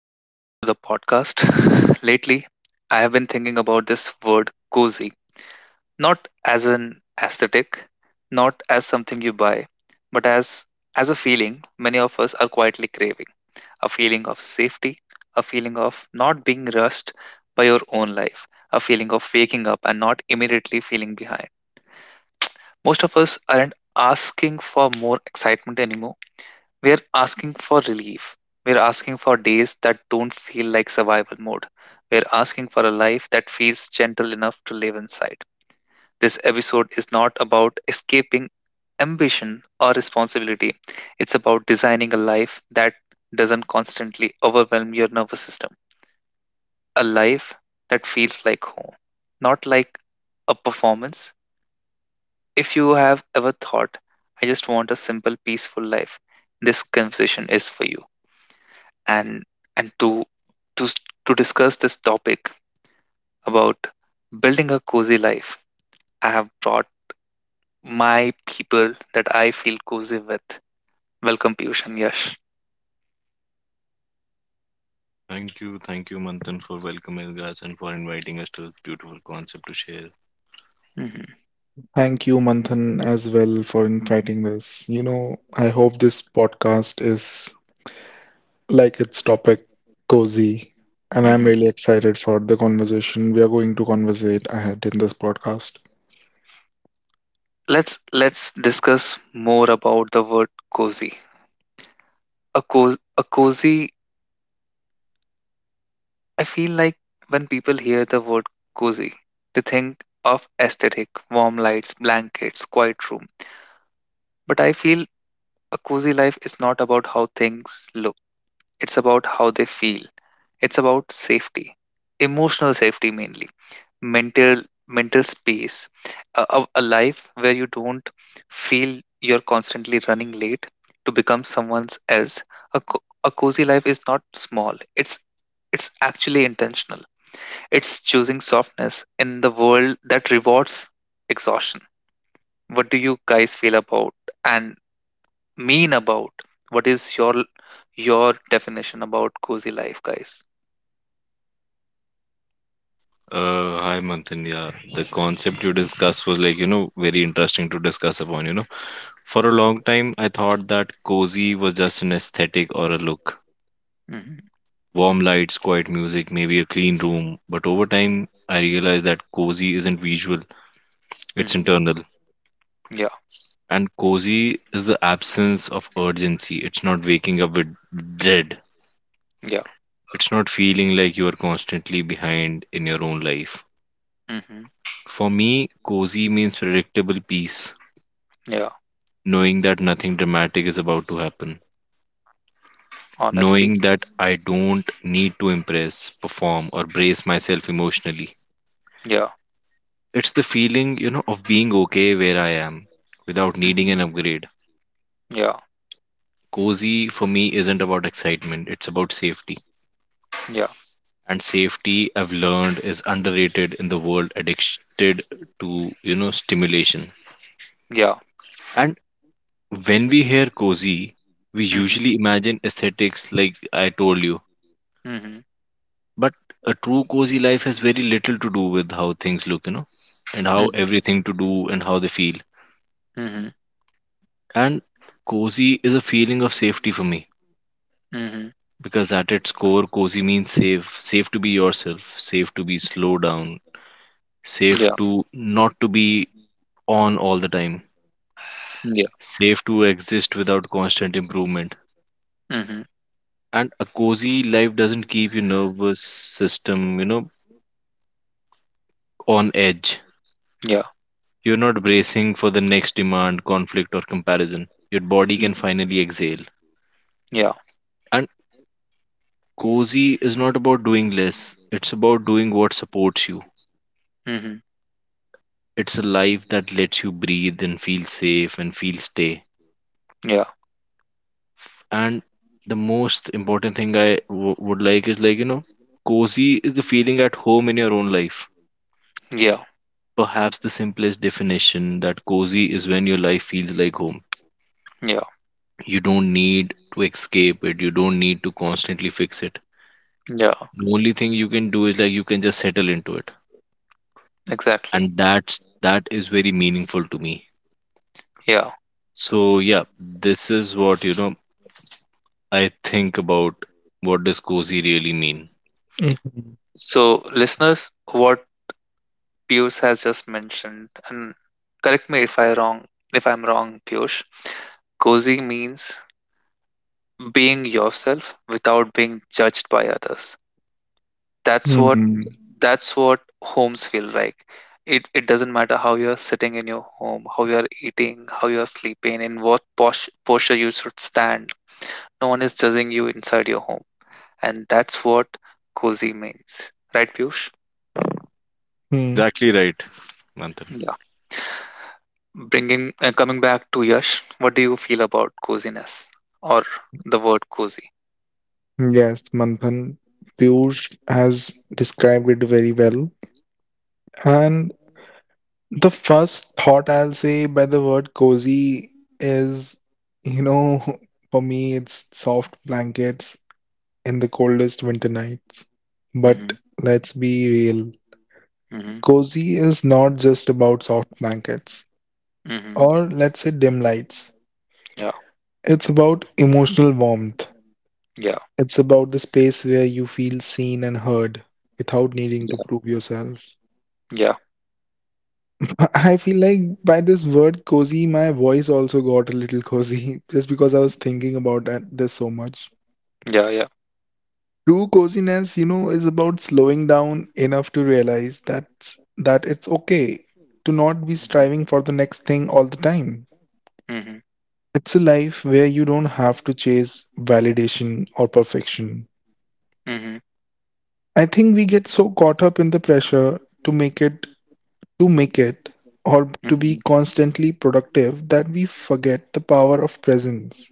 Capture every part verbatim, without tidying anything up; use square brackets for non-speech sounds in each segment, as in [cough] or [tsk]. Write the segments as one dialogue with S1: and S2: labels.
S1: Welcome back to the podcast. [laughs] Lately, I have been thinking about this word cozy, not as an aesthetic, not as something you buy, but as as a feeling many of us are quietly craving, a feeling of safety, a feeling of not being rushed by your own life, a feeling of waking up and not immediately feeling behind. Most of us aren't asking for more excitement anymore, we're asking for relief. We're asking for days that don't feel like survival mode. We're asking for a life that feels gentle enough to live inside. This episode is not about escaping ambition or responsibility. It's about designing a life that doesn't constantly overwhelm your nervous system. A life that feels like home, not like a performance. If you have ever thought, I just want a simple, peaceful life, this conversation is for you. and and to to s- to discuss this topic about building a cozy life, I have brought my people that I feel cozy with. Welcome, Piyush and Yash.
S2: Thank you, thank you, Manthan, for welcoming us and for inviting us to this beautiful concept to share.
S1: hmm
S3: Thank you, Manthan, as well for inviting this. You know, I hope this podcast is like its topic, cozy, and I'm
S1: hmm
S3: really excited for the conversation we are going to conversate ahead in this podcast.
S1: Let's let's discuss more about the word cozy. A cozy, a cozy. I feel like when people hear the word cozy, they think of aesthetic, warm lights, blankets, quiet room. But I feel a cozy life is not about how things look. It's about how they feel. It's about safety, emotional safety mainly, mental mental space, a, a a life where you don't feel you're constantly running late to become someone else. A, co- a cozy life is not small. It's it's actually intentional. It's choosing softness in the world that rewards exhaustion. What do you guys feel about and mean about? What is your your definition about cozy life, guys?
S2: Then, Uh, hi, Manthan. Yeah, the concept you discussed was like, you know, very interesting to discuss upon, you know. For a long time, I thought that cozy was just an aesthetic or a look.
S1: Mhm,
S2: Warm lights, quiet music, maybe a clean room. But over time, I realized that cozy isn't visual, it's
S1: mhm.
S2: internal.
S1: Yeah,
S2: And cozy is the absence of urgency. It's not waking up with dread.
S1: yeah.
S2: It's not feeling like you are constantly behind in your own life.
S1: Mhm.
S2: For me, cozy means predictable peace,
S1: Yeah.
S2: knowing that nothing dramatic is about to happen,
S1: Honesty.
S2: knowing that I don't need to impress, perform, or brace myself emotionally.
S1: Yeah.
S2: It's the feeling, you know, of being okay where I am without needing an
S1: Mhm.
S2: upgrade.
S1: Yeah.
S2: Cozy for me isn't about excitement, it's about safety.
S1: Yeah.
S2: And safety, I've learned, is underrated in the world addicted to, you know, stimulation.
S1: Yeah.
S2: And When we hear cozy, we
S1: Mhm.
S2: usually imagine aesthetics like I told you.
S1: Mhm.
S2: But a true cozy life has very little to do with how things look, you know, and how
S1: Mhm.
S2: everything to do and how they feel.
S1: Mhm.
S2: And cozy is a feeling of safety for me
S1: Mhm.
S2: because at its core, cozy means safe, safe to be yourself, safe to be slow down, safe
S1: Yeah.
S2: to not to be on all the time,
S1: Yeah.
S2: safe to exist without constant improvement.
S1: Mhm.
S2: And a cozy life doesn't keep your nervous system, you know, on edge.
S1: Yeah.
S2: You're not bracing for the next demand, conflict, or comparison. Your body can
S1: Mhm.
S2: finally exhale.
S1: Yeah.
S2: And cozy is not about doing less, it's about doing what supports you.
S1: Mm-hmm.
S2: It's a life that lets you breathe and feel safe and feel stay.
S1: Yeah.
S2: And the most important thing I w- would like is like, you know, cozy is the feeling at home in your own life.
S1: Yeah.
S2: Perhaps the simplest definition that cozy is when your life feels like home.
S1: Yeah.
S2: You don't need to escape it, you don't need to constantly fix it.
S1: Yeah.
S2: Only thing you can do is like you can just settle into it,
S1: Exactly.
S2: and that's that is very meaningful to me.
S1: Yeah.
S2: So yeah, this is what you know I think about what does cozy really mean.
S3: Mhm.
S1: So, listeners, what Piyush has just mentioned, and correct me if I wrong, if I'm wrong, Piyush. Cozy means being yourself without being judged by others. That's what
S3: Hmm.
S1: that's what homes feel like. It it doesn't matter how you're sitting in your home, how you're eating, how you're sleeping, in what pos- posture you should stand. No one is judging you inside your home, and that's what cozy means, right, Piyush?
S3: Hmm.
S2: Exactly right, Manthan.
S1: Yeah. Bringing uh, coming back to Yash, what do you feel about coziness or the word cozy?
S3: Yes, Manthan, Piyush has described it very well. And the first thought I'll say by the word cozy is, you know, [laughs] for me, it's soft blankets in the coldest winter nights. But
S1: Mm-hmm.
S3: let's be real.
S1: Mm-hmm.
S3: Cozy is not just about soft blankets
S1: Mm-hmm.
S3: or let's say dim lights.
S1: Yeah.
S3: It's about emotional warmth.
S1: Yeah.
S3: It's about the space where you feel seen and heard without needing to
S1: Yeah.
S3: prove yourself.
S1: Yeah.
S3: [laughs] I feel like by this word cozy, my voice also got a little cozy [laughs] just because I was thinking about that, this so much.
S1: Yeah. Yeah.
S3: True coziness, you know, is about slowing down enough to realize that that it's okay to not be striving for the next thing all the time.
S1: Mm-hmm.
S3: It's a life where you don't have to chase validation or perfection.
S1: Mm-hmm.
S3: I think we get so caught up in the pressure to make it, to make it, or to be
S1: Mm-hmm.
S3: constantly productive that we forget the power of presence.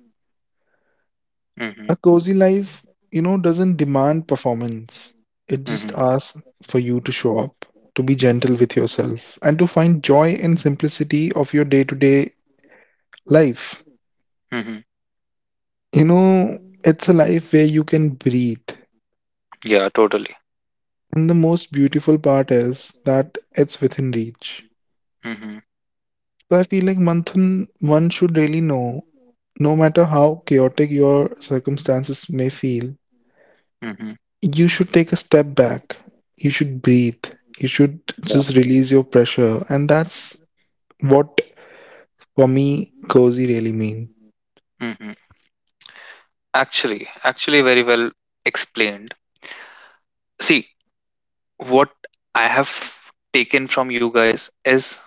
S1: Mm-hmm.
S3: A cozy life, you know, doesn't demand performance. It just
S1: Mhm.
S3: asks for you to show up, to be gentle with
S1: Mhm.
S3: yourself, and to find joy in simplicity of your day-to-day life.
S1: Mhm.
S3: You know, it's a life where you can breathe.
S1: Yeah, totally.
S3: And the most beautiful part is that it's within reach.
S1: Mhm.
S3: So I feel like Manthan, one should really know, no matter how chaotic your circumstances may feel,
S1: Mhm.
S3: you should take a step back. You should breathe. You should
S1: Yeah.
S3: just release your pressure. And that's what, for me, cozy really mean.
S1: Mhm. Actually, actually, very well explained. See, what I have taken from you guys is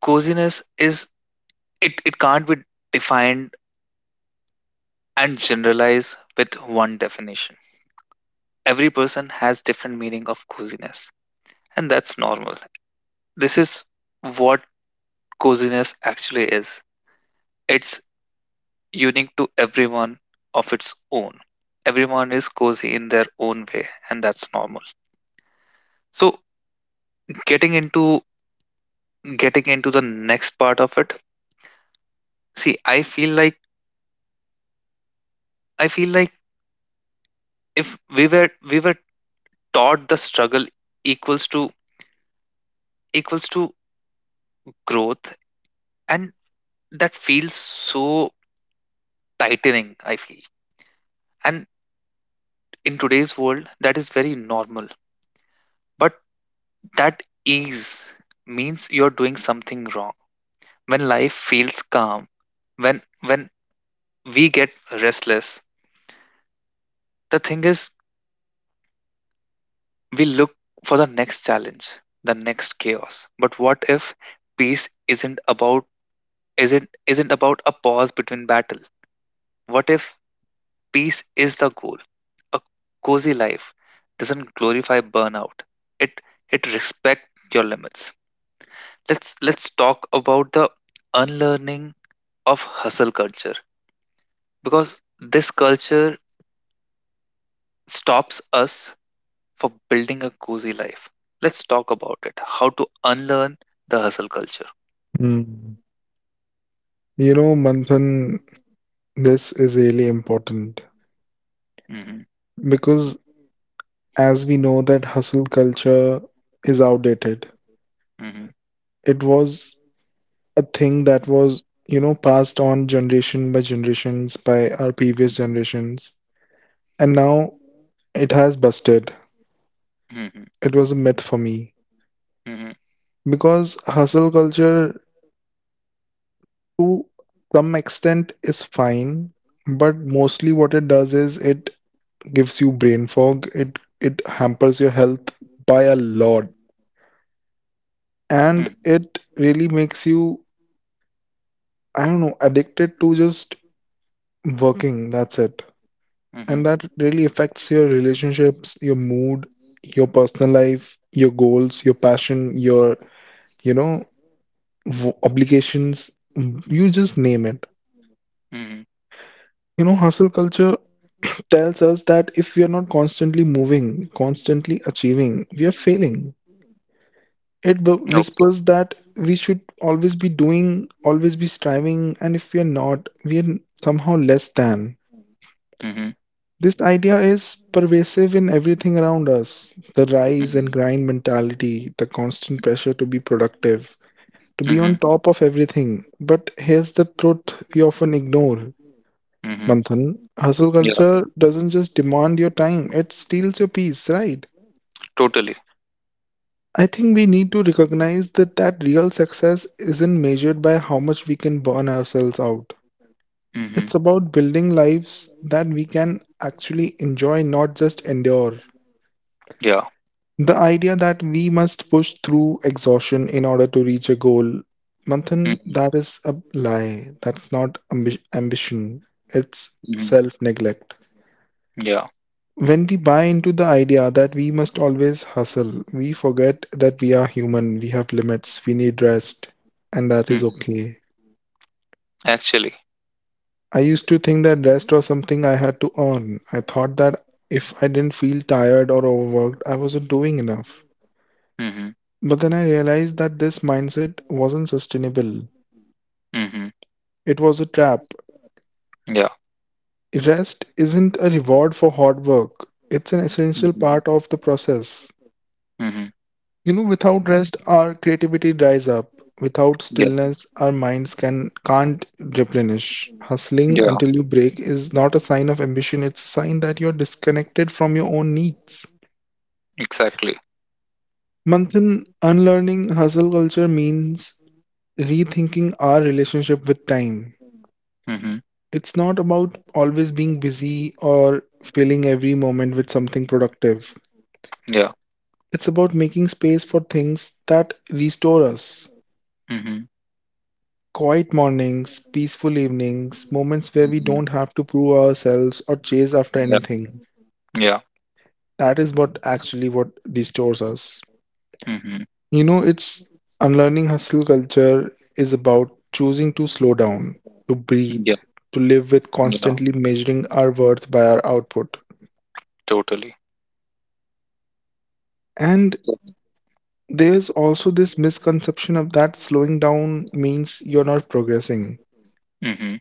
S1: coziness is it, it can't be defined and generalized with one definition. Every person has different meaning of coziness, and that's normal. This is what coziness actually is. It's unique to everyone of its own. Everyone is cozy in their own way, and that's normal. So getting into getting into the next part of it, see, I feel like I feel like if we were we were taught the struggle equals to equals to growth, and that feels so tightening. I feel, and in today's world, that is very normal. But that ease means you're doing something wrong when life feels calm, when when we get restless, the thing is we look for the next challenge, the next chaos. But what if peace isn't about isn't isn't about a pause between battle? What if peace is the goal? A cozy life doesn't glorify burnout. It it respects your limits. Let's let's talk about the unlearning of hustle culture because this culture stops us for building a cozy life. Let's talk about it. How to unlearn the hustle culture.
S3: Mm. You know, Manthan, this is really important
S1: Mm-hmm,
S3: because as we know that hustle culture is outdated.
S1: mm-hmm,
S3: It was a thing that was, you know, passed on generation by generations by our previous
S1: mm-hmm,
S3: generations. And now it has busted.
S1: mm-hmm,
S3: It was a myth for me
S1: mm-hmm,
S3: because hustle culture to some extent is fine, but mostly what it does is it gives you brain fog. It it hampers your health by a lot, and it really makes you I don't know addicted to just working. That's it,
S1: mm-hmm,
S3: and
S1: mm-hmm.
S3: that really affects your relationships, your mood, your personal life, your goals, your passion, your you know v- obligations. You just name it.
S1: Mm-hmm.
S3: You know, hustle culture tells us that if we are not constantly moving, constantly achieving, we are failing. It b-
S1: Okay.
S3: whispers that we should always be doing, always be striving, and if we are not, we are somehow less than.
S1: Mm-hmm,
S3: This idea is pervasive in everything around us the rise
S1: mm-hmm,
S3: and grind mentality, the constant pressure to be productive, to be on
S1: mm-hmm,
S3: top of everything. But here's the truth we often ignore
S1: mm-hmm.
S3: Manthan. Hustle
S1: Yeah,
S3: culture doesn't just demand your time, it steals your peace, right?
S1: totally.
S3: I think we need to recognize that that real success isn't measured by how much we can burn ourselves out.
S1: Mm-hmm.
S3: It's about building lives that we can actually enjoy, not just endure.
S1: Yeah.
S3: The idea that we must push through exhaustion in order to reach a goal, Manthan,
S1: Mm-hmm,
S3: that is a lie. That's not ambi- ambition. It's
S1: mm-hmm,
S3: self-neglect.
S1: yeah.
S3: When we buy into the idea that we must always hustle, we forget that we are human, we have limits, we need rest, and that is
S1: Mm-hmm.
S3: okay.
S1: Actually.
S3: I used to think that rest was something I had to earn. I thought that if I didn't feel tired or overworked, I wasn't doing enough.
S1: Mm-hmm,
S3: But then I realized that this mindset wasn't sustainable.
S1: mm-hmm,
S3: It was a trap.
S1: yeah.
S3: Rest isn't a reward for hard work, it's an essential
S1: Mm-hmm,
S3: part of the process.
S1: mm-hmm,
S3: You know, without rest, our creativity dries up. Without
S1: yeah.
S3: stillness, our minds can can't replenish. Hustling
S1: Yeah.
S3: until you break is not a sign of ambition, it's a sign that you're disconnected from your own needs.
S1: Exactly.
S3: Manthan, unlearning hustle culture means rethinking our relationship with time.
S1: Mm-hmm,
S3: It's not about always being busy or filling every moment with something productive.
S1: yeah.
S3: It's about making space for things that restore us.
S1: Mm-hmm,
S3: Quiet mornings, peaceful evenings, moments where we
S1: mm-hmm,
S3: don't have to prove ourselves or chase after
S1: yeah.
S3: anything.
S1: Yeah.
S3: That is what actually what restores us.
S1: Mm-hmm,
S3: You know, it's unlearning hustle culture is about choosing to slow down, to breathe,
S1: yeah.
S3: to live with
S1: Yeah.
S3: constantly measuring our worth by our output.
S1: Totally.
S3: And there's also this misconception of that slowing down means you're not progressing.
S1: Hmm.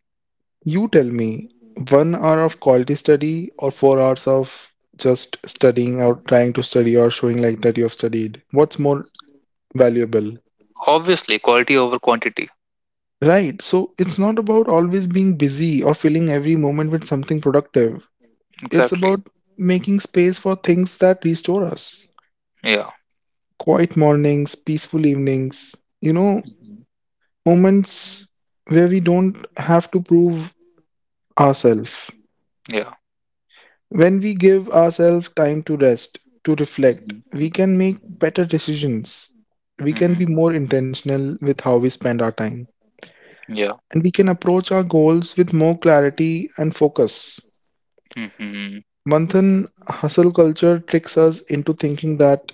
S3: You tell me, one hour of quality study or four hours of just studying or trying to study or showing like that you have studied? What's more valuable?
S1: Obviously, quality over quantity.
S3: Right. So it's not about always being busy or filling every moment with something productive. It's
S1: Exactly.
S3: about making space for things that restore us.
S1: Yeah.
S3: Quiet mornings, peaceful evenings, you know,
S1: Hmm.
S3: moments where we don't have to prove ourselves.
S1: Yeah.
S3: When we give ourselves time to rest, to reflect,
S1: Hmm.
S3: we can make better decisions. We can
S1: Hmm.
S3: be more intentional with how we spend our time.
S1: Yeah.
S3: And we can approach our goals with more clarity and focus.
S1: Hmm.
S3: Manthan, hustle culture tricks us into thinking that,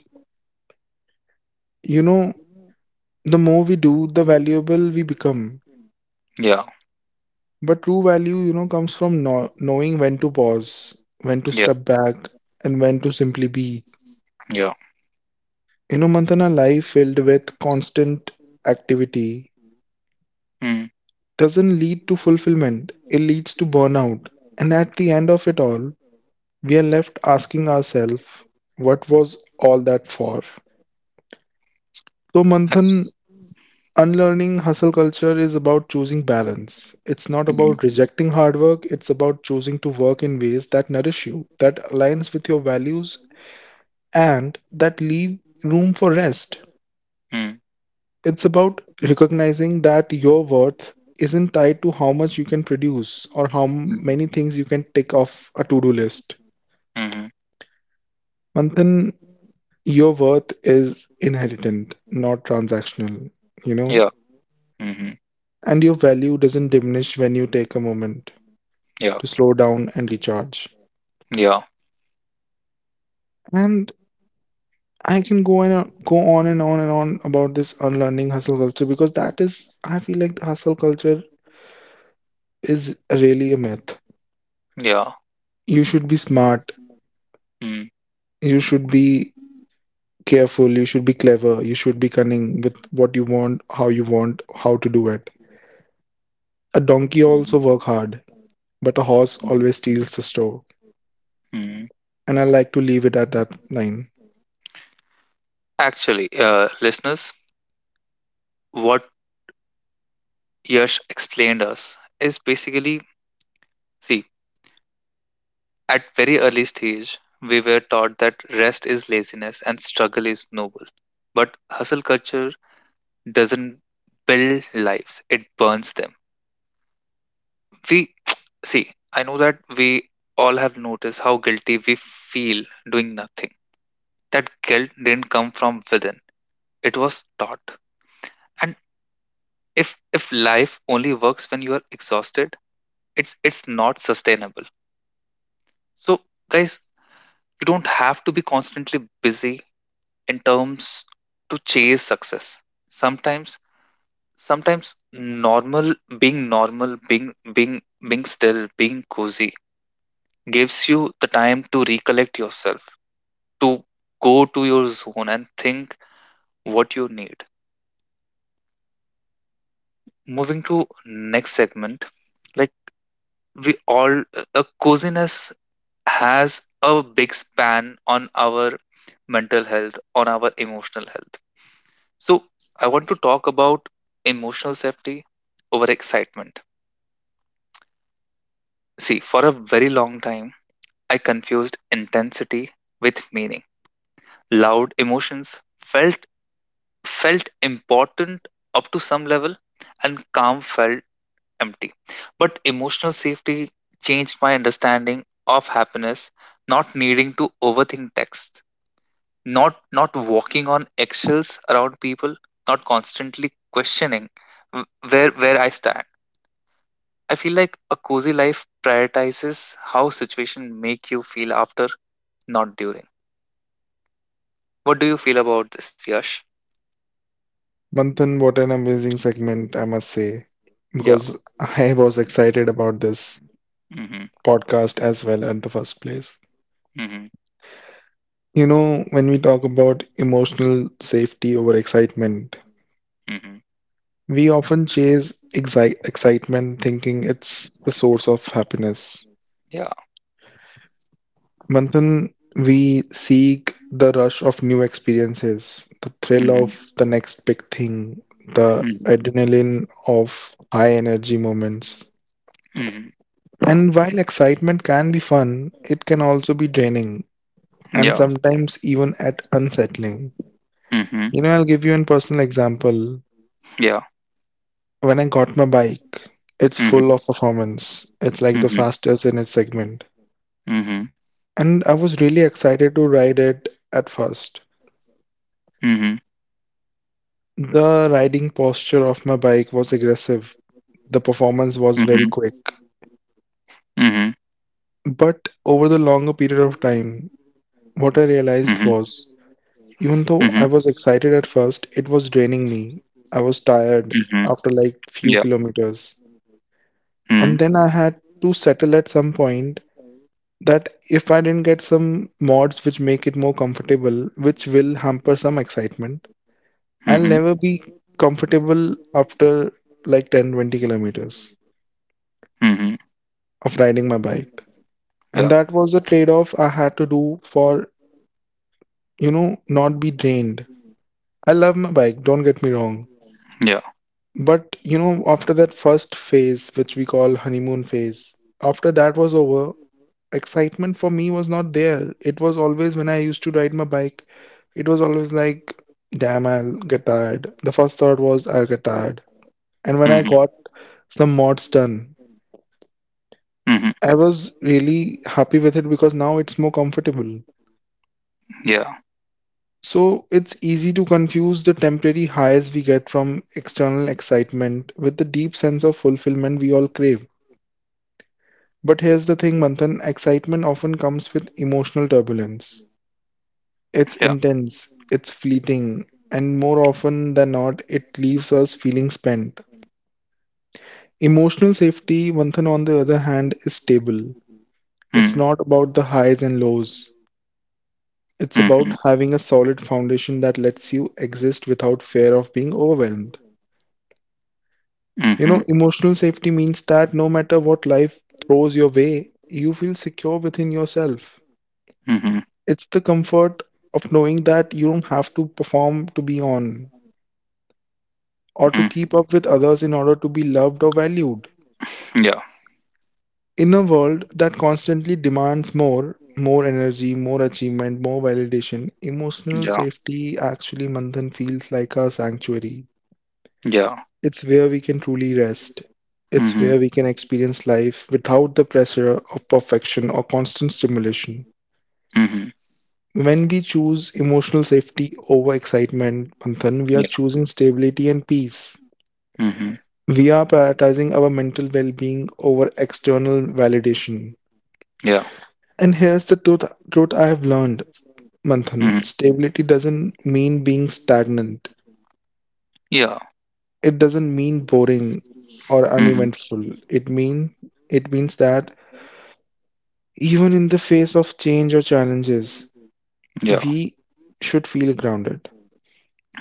S3: you know, the more we do, the valuable we become.
S1: Yeah.
S3: But true value, you know, comes from know- knowing when to pause, when to
S1: Yeah.
S3: step back, and when to simply be.
S1: Yeah.
S3: You know, Mantana, life filled with constant activity
S1: Mm.
S3: doesn't lead to fulfillment, it leads to burnout. And at the end of it all, we are left asking ourselves, what was all that for? So,
S1: Ac-
S3: Manthan, unlearning hustle culture is about choosing balance. It's not
S1: mhm.
S3: about rejecting hard work, it's about choosing to work in ways that nourish you, that aligns with your values, and that leave room for rest.
S1: Mm.
S3: It's about recognizing that your worth isn't tied to how much you can produce or how m-
S1: Mhm.
S3: many things you can tick off a to-do list.
S1: Mhm.
S3: Manthan, your worth is inherent, not transactional, you
S1: Yeah.
S3: know?
S1: Mhm.
S3: And your value doesn't diminish when you take a moment
S1: Yeah.
S3: to slow down and recharge.
S1: Yeah.
S3: And I can go and on- go on and on and on about this unlearning hustle culture because that is, I feel like the hustle culture is really a myth.
S1: Yeah.
S3: You should be smart.
S1: Mm.
S3: You should be careful, you should be clever, you should be cunning with what you want, how you want, how to do it. A donkey
S1: Mhm.
S3: also work hard, but a horse
S1: Mhm.
S3: always steals the show.
S1: Mhm.
S3: And I like to leave it at that line.
S1: Actually, uh, listeners, what Yash explained us is basically, see, at very early stage, we were taught that rest is laziness and struggle is noble. But hustle culture doesn't build lives, it burns them. We [tsk] see, I know that we all have noticed how guilty we feel doing nothing. That guilt didn't come from within. It was taught. And if if life only works when you are exhausted, it's it's not sustainable. So guys, you don't have to be constantly busy in terms to chase success sometimes sometimes normal being normal being being being still being cozy gives you the time to recollect yourself to go to your zone and think what you need, moving to next segment, like we all, a coziness has a big span on our mental health, on our emotional health. So, I want to talk about emotional safety over excitement. See, for a very long time, I confused intensity with meaning. Loud emotions felt felt important up to some level and calm felt empty. But emotional safety changed my understanding of happiness, not needing to overthink text, not not walking on eggshells around people, not constantly questioning w- where where I stand. I feel like a cozy life prioritizes how situation make you feel after, not during. What do you feel about this, Yash?
S3: Manthan, what an amazing segment, I must say,
S1: Yeah.
S3: because [laughs] I was excited about this
S1: Hmm.
S3: podcast as well at the first place.
S1: Hmm.
S3: You know, when we talk about emotional safety over excitement,
S1: Hmm.
S3: we often chase exi- excitement thinking it's the source of happiness.
S1: Yeah.
S3: Manthan, we seek the rush of new experiences, the thrill
S1: Mm-hmm.
S3: of the next big thing, the
S1: Hmm.
S3: adrenaline of high energy moments. And while excitement can be fun, it can also be draining and
S1: Yeah.
S3: sometimes even at unsettling.
S1: Hmm.
S3: You know, I'll give you a personal example.
S1: Yeah.
S3: When I got my bike, it's full of
S1: Hmm.
S3: performance. It's like the
S1: Hmm.
S3: fastest in its segment.
S1: Hmm. Hmm.
S3: And I was really excited to ride it at first.
S1: Hmm.
S3: The riding posture of my bike was aggressive. The
S1: Hmm.
S3: performance was very quick.
S1: Hmm.
S3: But over the longer period of time,
S1: Hmm.
S3: what I realized was even though I was excited at first, it was draining me. I was
S1: Hmm.
S3: tired after
S1: Yeah.
S3: like few kilometers.
S1: Hmm.
S3: And then I had to settle at some point that if I didn't get some mods which make it more comfortable, which will hamper some excitement,
S1: Hmm.
S3: I'll never be comfortable after like ten twenty kilometers
S1: Hmm.
S3: of riding my bike.
S1: Yeah.
S3: And that was a trade off I had to do for, you know, not be drained. I love my bike, don't get me wrong.
S1: Yeah.
S3: But, you know, after that first phase, which we call honeymoon phase, after that was over, excitement for me was not there. It was always when I used to ride my bike, it was always like, damn, I'll get tired. The first thought was, I'll get tired. And when
S1: Hmm.
S3: I got some mods done,
S1: Hmm.
S3: I was really happy with it because now it's more comfortable.
S1: Yeah.
S3: So it's easy to confuse the temporary highs we get from external excitement with the deep sense of fulfillment we all crave. But here's the thing, Manthan, excitement often comes with emotional turbulence. It's
S1: Yeah.
S3: intense, it's fleeting, and more often than not, it leaves us feeling spent. Emotional safety, Manthan, on the other hand, is stable.
S1: Mm-hmm.
S3: It's not about the highs and lows. It's about having a solid foundation that lets you exist without fear of being overwhelmed. You
S1: Hmm.
S3: know, emotional safety means that no matter what life throws your way, you feel secure within yourself.
S1: Hmm.
S3: It's the comfort of knowing that you don't have to perform to be on or to keep up with others in order to be loved or valued.
S1: Hmm.
S3: In a world that constantly demands more, more energy, more achievement, more validation, emotional
S1: Yeah,
S3: safety actually, Manthan, feels like a sanctuary.
S1: yeah.
S3: It's where we can truly rest. It's
S1: Mm-hmm.
S3: where we can experience life without the pressure of perfection or constant stimulation.
S1: Mm-hmm.
S3: When we choose emotional safety over excitement, Panthan, we are
S1: Yeah.
S3: choosing stability and peace.
S1: Mm-hmm.
S3: We are prioritizing our mental well being over external validation.
S1: Yeah.
S3: And here's the truth, truth I have learned, Manthan.
S1: Mm-hmm.
S3: Stability doesn't mean being stagnant.
S1: Yeah.
S3: It doesn't mean boring or
S1: Mm-hmm.
S3: uneventful. It mean it means that even in the face of change or challenges,
S1: Yeah.
S3: we should feel grounded.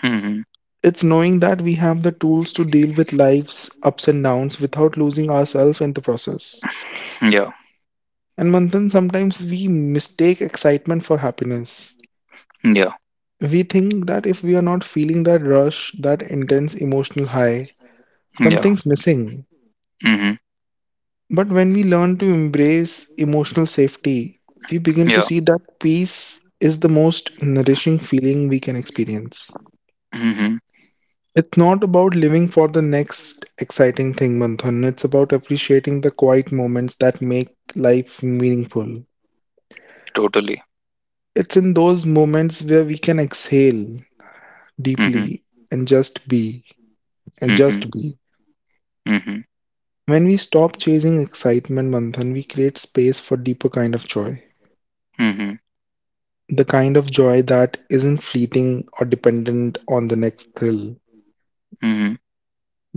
S1: Mm-hmm.
S3: It's knowing that we have the tools to deal with life's ups and downs without losing ourselves in the process.
S1: Yeah.
S3: And Manthan, sometimes we mistake excitement for happiness.
S1: Yeah.
S3: We think that if we are not feeling that rush, that intense emotional high,
S1: Yeah.
S3: something's missing.
S1: Mm-hmm.
S3: But when we learn to embrace emotional safety, we begin to
S1: Yeah.
S3: see that peace is the most nourishing feeling we can experience.
S1: Mm-hmm.
S3: It's not about living for the next exciting thing, Manthan. It's about appreciating the quiet moments that make life meaningful.
S1: Totally.
S3: It's in those moments where we can exhale
S1: Mm-hmm.
S3: deeply and just be, and
S1: Mm-hmm.
S3: just be.
S1: Mm-hmm.
S3: When we stop chasing excitement, Manthan, we create space for deeper kind of joy.
S1: Mm-hmm.
S3: The kind of joy that isn't fleeting or dependent on the next thrill,
S1: Mm-hmm.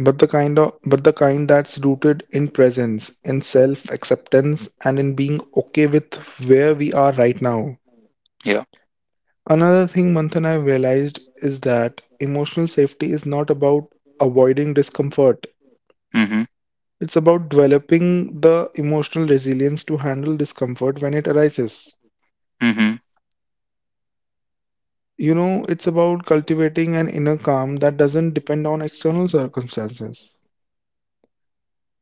S3: but the kind of but the kind that's rooted in presence, in self-acceptance, and in being okay with where we are right now.
S1: Yeah.
S3: Another thing, Manthan, I've realized is that emotional safety is not about avoiding discomfort.
S1: Mm-hmm.
S3: It's about developing the emotional resilience to handle discomfort when it arises.
S1: Mm-hmm.
S3: You know, it's about cultivating an inner calm that doesn't depend on external circumstances.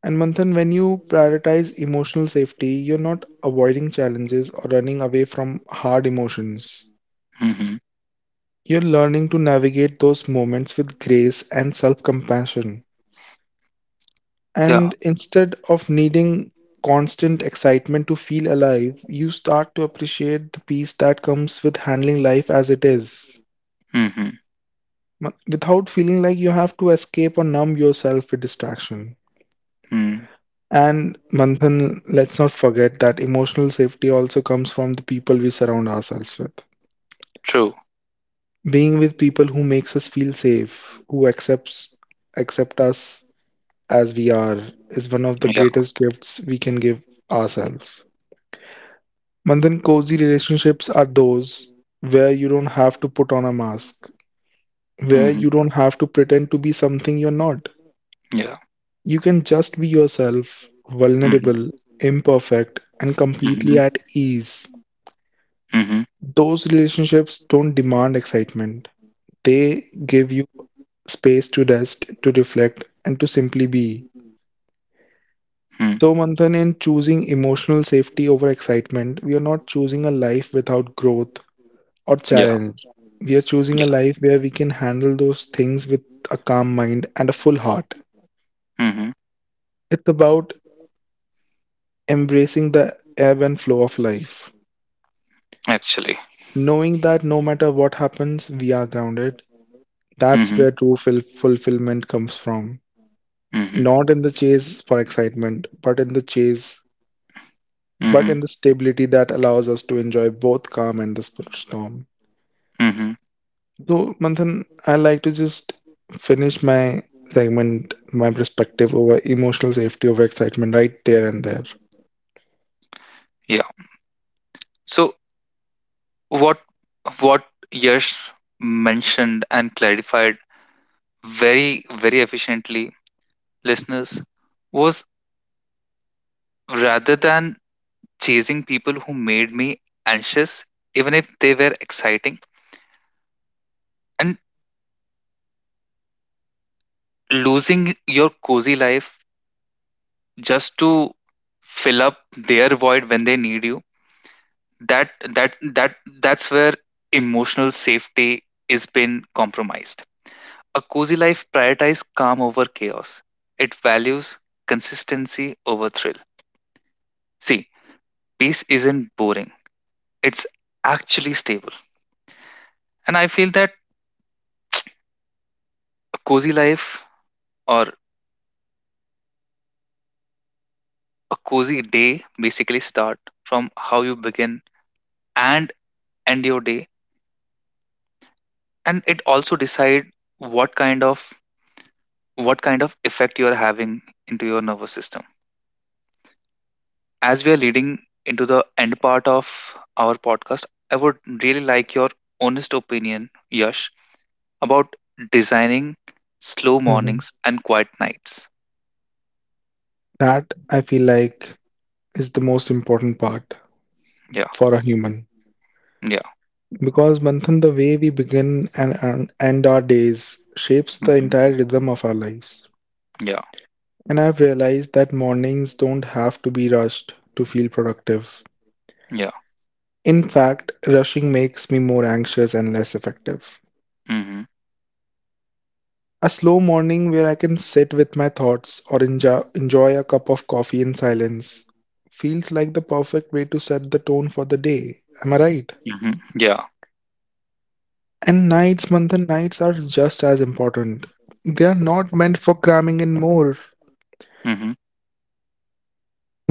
S3: And Manthan, when you prioritize emotional safety, you're not avoiding challenges or running away from hard emotions.
S1: Mm-hmm.
S3: You're learning to navigate those moments with grace and self compassion. And
S1: Yeah.
S3: instead of needing constant excitement to feel alive, you start to appreciate the peace that comes with handling life as it is,
S1: Mm-hmm.
S3: ma- without feeling like you have to escape or numb yourself with distraction.
S1: Mm-hmm.
S3: And Manthan, let's not forget that emotional safety also comes from the people we surround ourselves with.
S1: True.
S3: Being with people who makes us feel safe, who accepts accept us as we are, is one of the
S1: Yeah.
S3: greatest gifts we can give ourselves. Manthan, cozy relationships are those where you don't have to put on a mask, where
S1: Mm-hmm.
S3: you don't have to pretend to be something you're not.
S1: Yeah.
S3: You can just be yourself,
S1: Mm-hmm.
S3: vulnerable, imperfect, and completely
S1: Mm-hmm.
S3: at ease.
S1: Mm-hmm.
S3: Those relationships don't demand excitement. They give you space to rest, to reflect, and to simply be.
S1: Mm.
S3: So, Manthan, in choosing emotional safety over excitement, we are not choosing a life without growth or
S1: Yeah.
S3: challenge. We are choosing
S1: Yeah.
S3: a life where we can handle those things with a calm mind and a full heart.
S1: Mm-hmm.
S3: It's about embracing the ebb and flow of life,
S1: Actually.
S3: knowing that no matter what happens, we are grounded. That's
S1: Mm-hmm.
S3: where true ful- fulfillment comes from.
S1: Mm-hmm.
S3: Not in the chase for excitement, but in the chase, but
S1: Mm-hmm.
S3: in the stability that allows us to enjoy both calm and the sp- storm.
S1: Mm-hmm.
S3: So, Manthan, I like to just finish my segment, my perspective over emotional safety over excitement right there and there.
S1: Yeah. So what what Yash mentioned and clarified very very efficiently, listeners, was rather than chasing people who made me anxious, even if they were exciting, and losing your cozy life just to fill up their void when they need you. That that that that's where emotional safety is been compromised. A cozy life prioritizes calm over chaos. It values consistency over thrill. See, peace isn't boring, it's actually stable. And I feel that a cozy life or a cozy day basically start from how you begin and end your day, and it also decide what kind of what kind of effect you are having into your nervous system. As we are leading into the end part of our podcast, I would really like your honest opinion, Yash, about designing slow
S3: Mhm.
S1: mornings and quiet nights.
S3: That I feel like is the most important part
S1: Yeah,
S3: for a human.
S1: yeah,
S3: Because, Manthan, the way we begin and and end our days shapes the
S1: hmm,
S3: entire rhythm of our lives.
S1: yeah,
S3: And I've realized that mornings don't have to be rushed to feel productive.
S1: yeah,
S3: In fact, rushing makes me more anxious and less effective.
S1: hmm,
S3: A slow morning where I can sit with my thoughts or enjo- enjoy a cup of coffee in silence feels like the perfect way to set the tone for the day. Am I right?
S1: hmm, yeah,
S3: And nights, Manthan, nights are just as important. They are not meant for cramming in more
S1: hmm,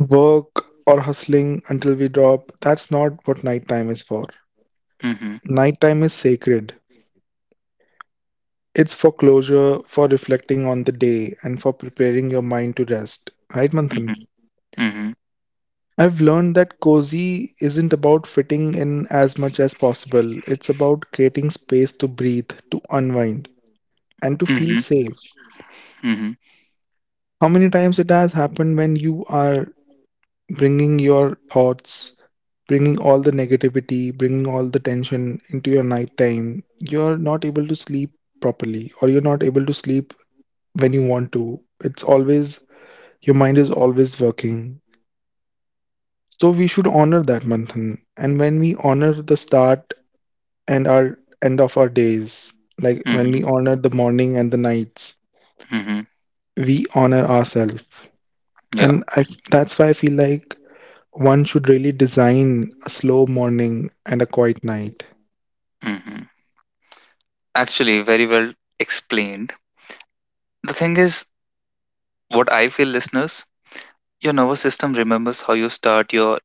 S3: work or hustling until we drop. That's not what nighttime is for.
S1: hmm, hmm,
S3: Nighttime is sacred. It's for closure, for reflecting on the day, and for preparing your mind to rest. Right, Manthan?
S1: hmm,
S3: I've learned that cozy isn't about fitting in as much as possible. It's about creating space to breathe, to unwind, and to feel
S1: hmm,
S3: safe.
S1: hmm,
S3: How many times it has happened when you are bringing your thoughts, bringing all the negativity, bringing all the tension into your nighttime, you're not able to sleep properly, or you're not able to sleep when you want to. It's always— your mind is always working. So we should honor that, Manthan. And when we honor the start and our end of our days, like when we
S1: hmm,
S3: honor the morning and the nights,
S1: hmm,
S3: we honor ourselves. And
S1: yeah.
S3: I, f- that's why I feel like one should really design a slow morning and a quiet night.
S1: Hmm. Actually, very well explained. The thing is, what I feel, listeners, your nervous system remembers how you start your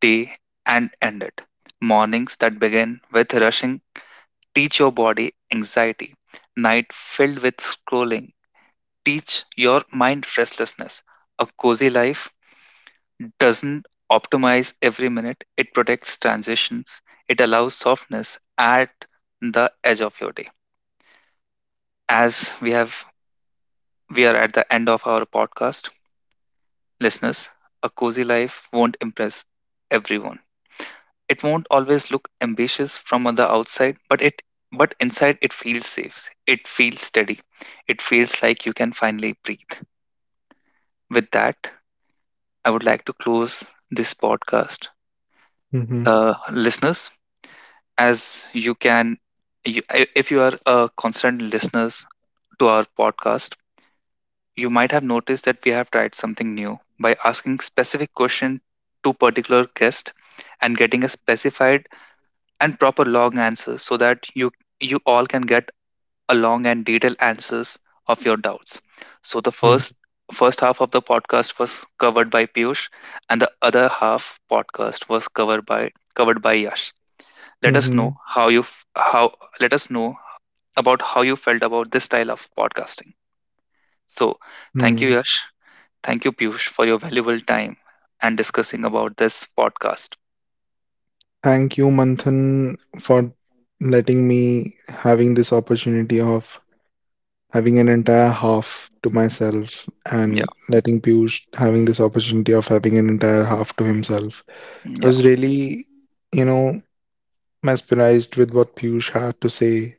S1: day and end it. Mornings that begin with rushing teach your body anxiety. Night filled with scrolling teach your mind restlessness. A cozy life doesn't optimize every minute, it protects transitions, it allows softness at the edge of your day. As we have we are at the end of our podcast, listeners, a cozy life won't impress everyone. It won't always look ambitious from the outside, but it but inside it feels safe. It feels steady. It feels like you can finally breathe. With that, I would like to close this podcast.
S3: Hmm.
S1: Uh, listeners, as you can, you, i- if you are a constant listeners to our podcast, you might have noticed that we have tried something new by asking specific question to particular guest and getting a specified and proper long answer so that you you all can get a long and detailed answers of your doubts. So the
S3: Hmm.
S1: first first half of the podcast was covered by Piyush and the other half podcast was covered by covered by Yash. Let us
S3: Hmm.
S1: know how you f- how let us know about how you felt about this style of podcasting. So, thank you
S3: Hmm.
S1: Yash, thank you Piyush for your valuable time and discussing about this podcast.
S3: Thank you, Manthan, for letting me having this opportunity of having an entire half to myself and
S1: Yeah,
S3: letting Piyush having this opportunity of having an entire half to himself. I
S1: yeah,
S3: was really, you know, mesmerized with what Piyush had to say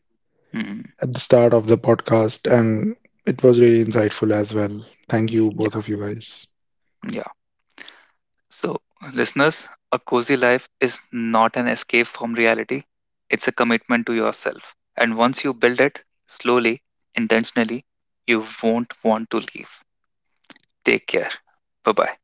S1: mm,
S3: at the start of the podcast, and it was really insightful as well. Thank you, both
S1: yeah,
S3: of you guys.
S1: yeah. So, listeners, a cozy life is not an escape from reality. It's a commitment to yourself. And once you build it slowly, intentionally, you won't want to leave. Take care. Bye bye.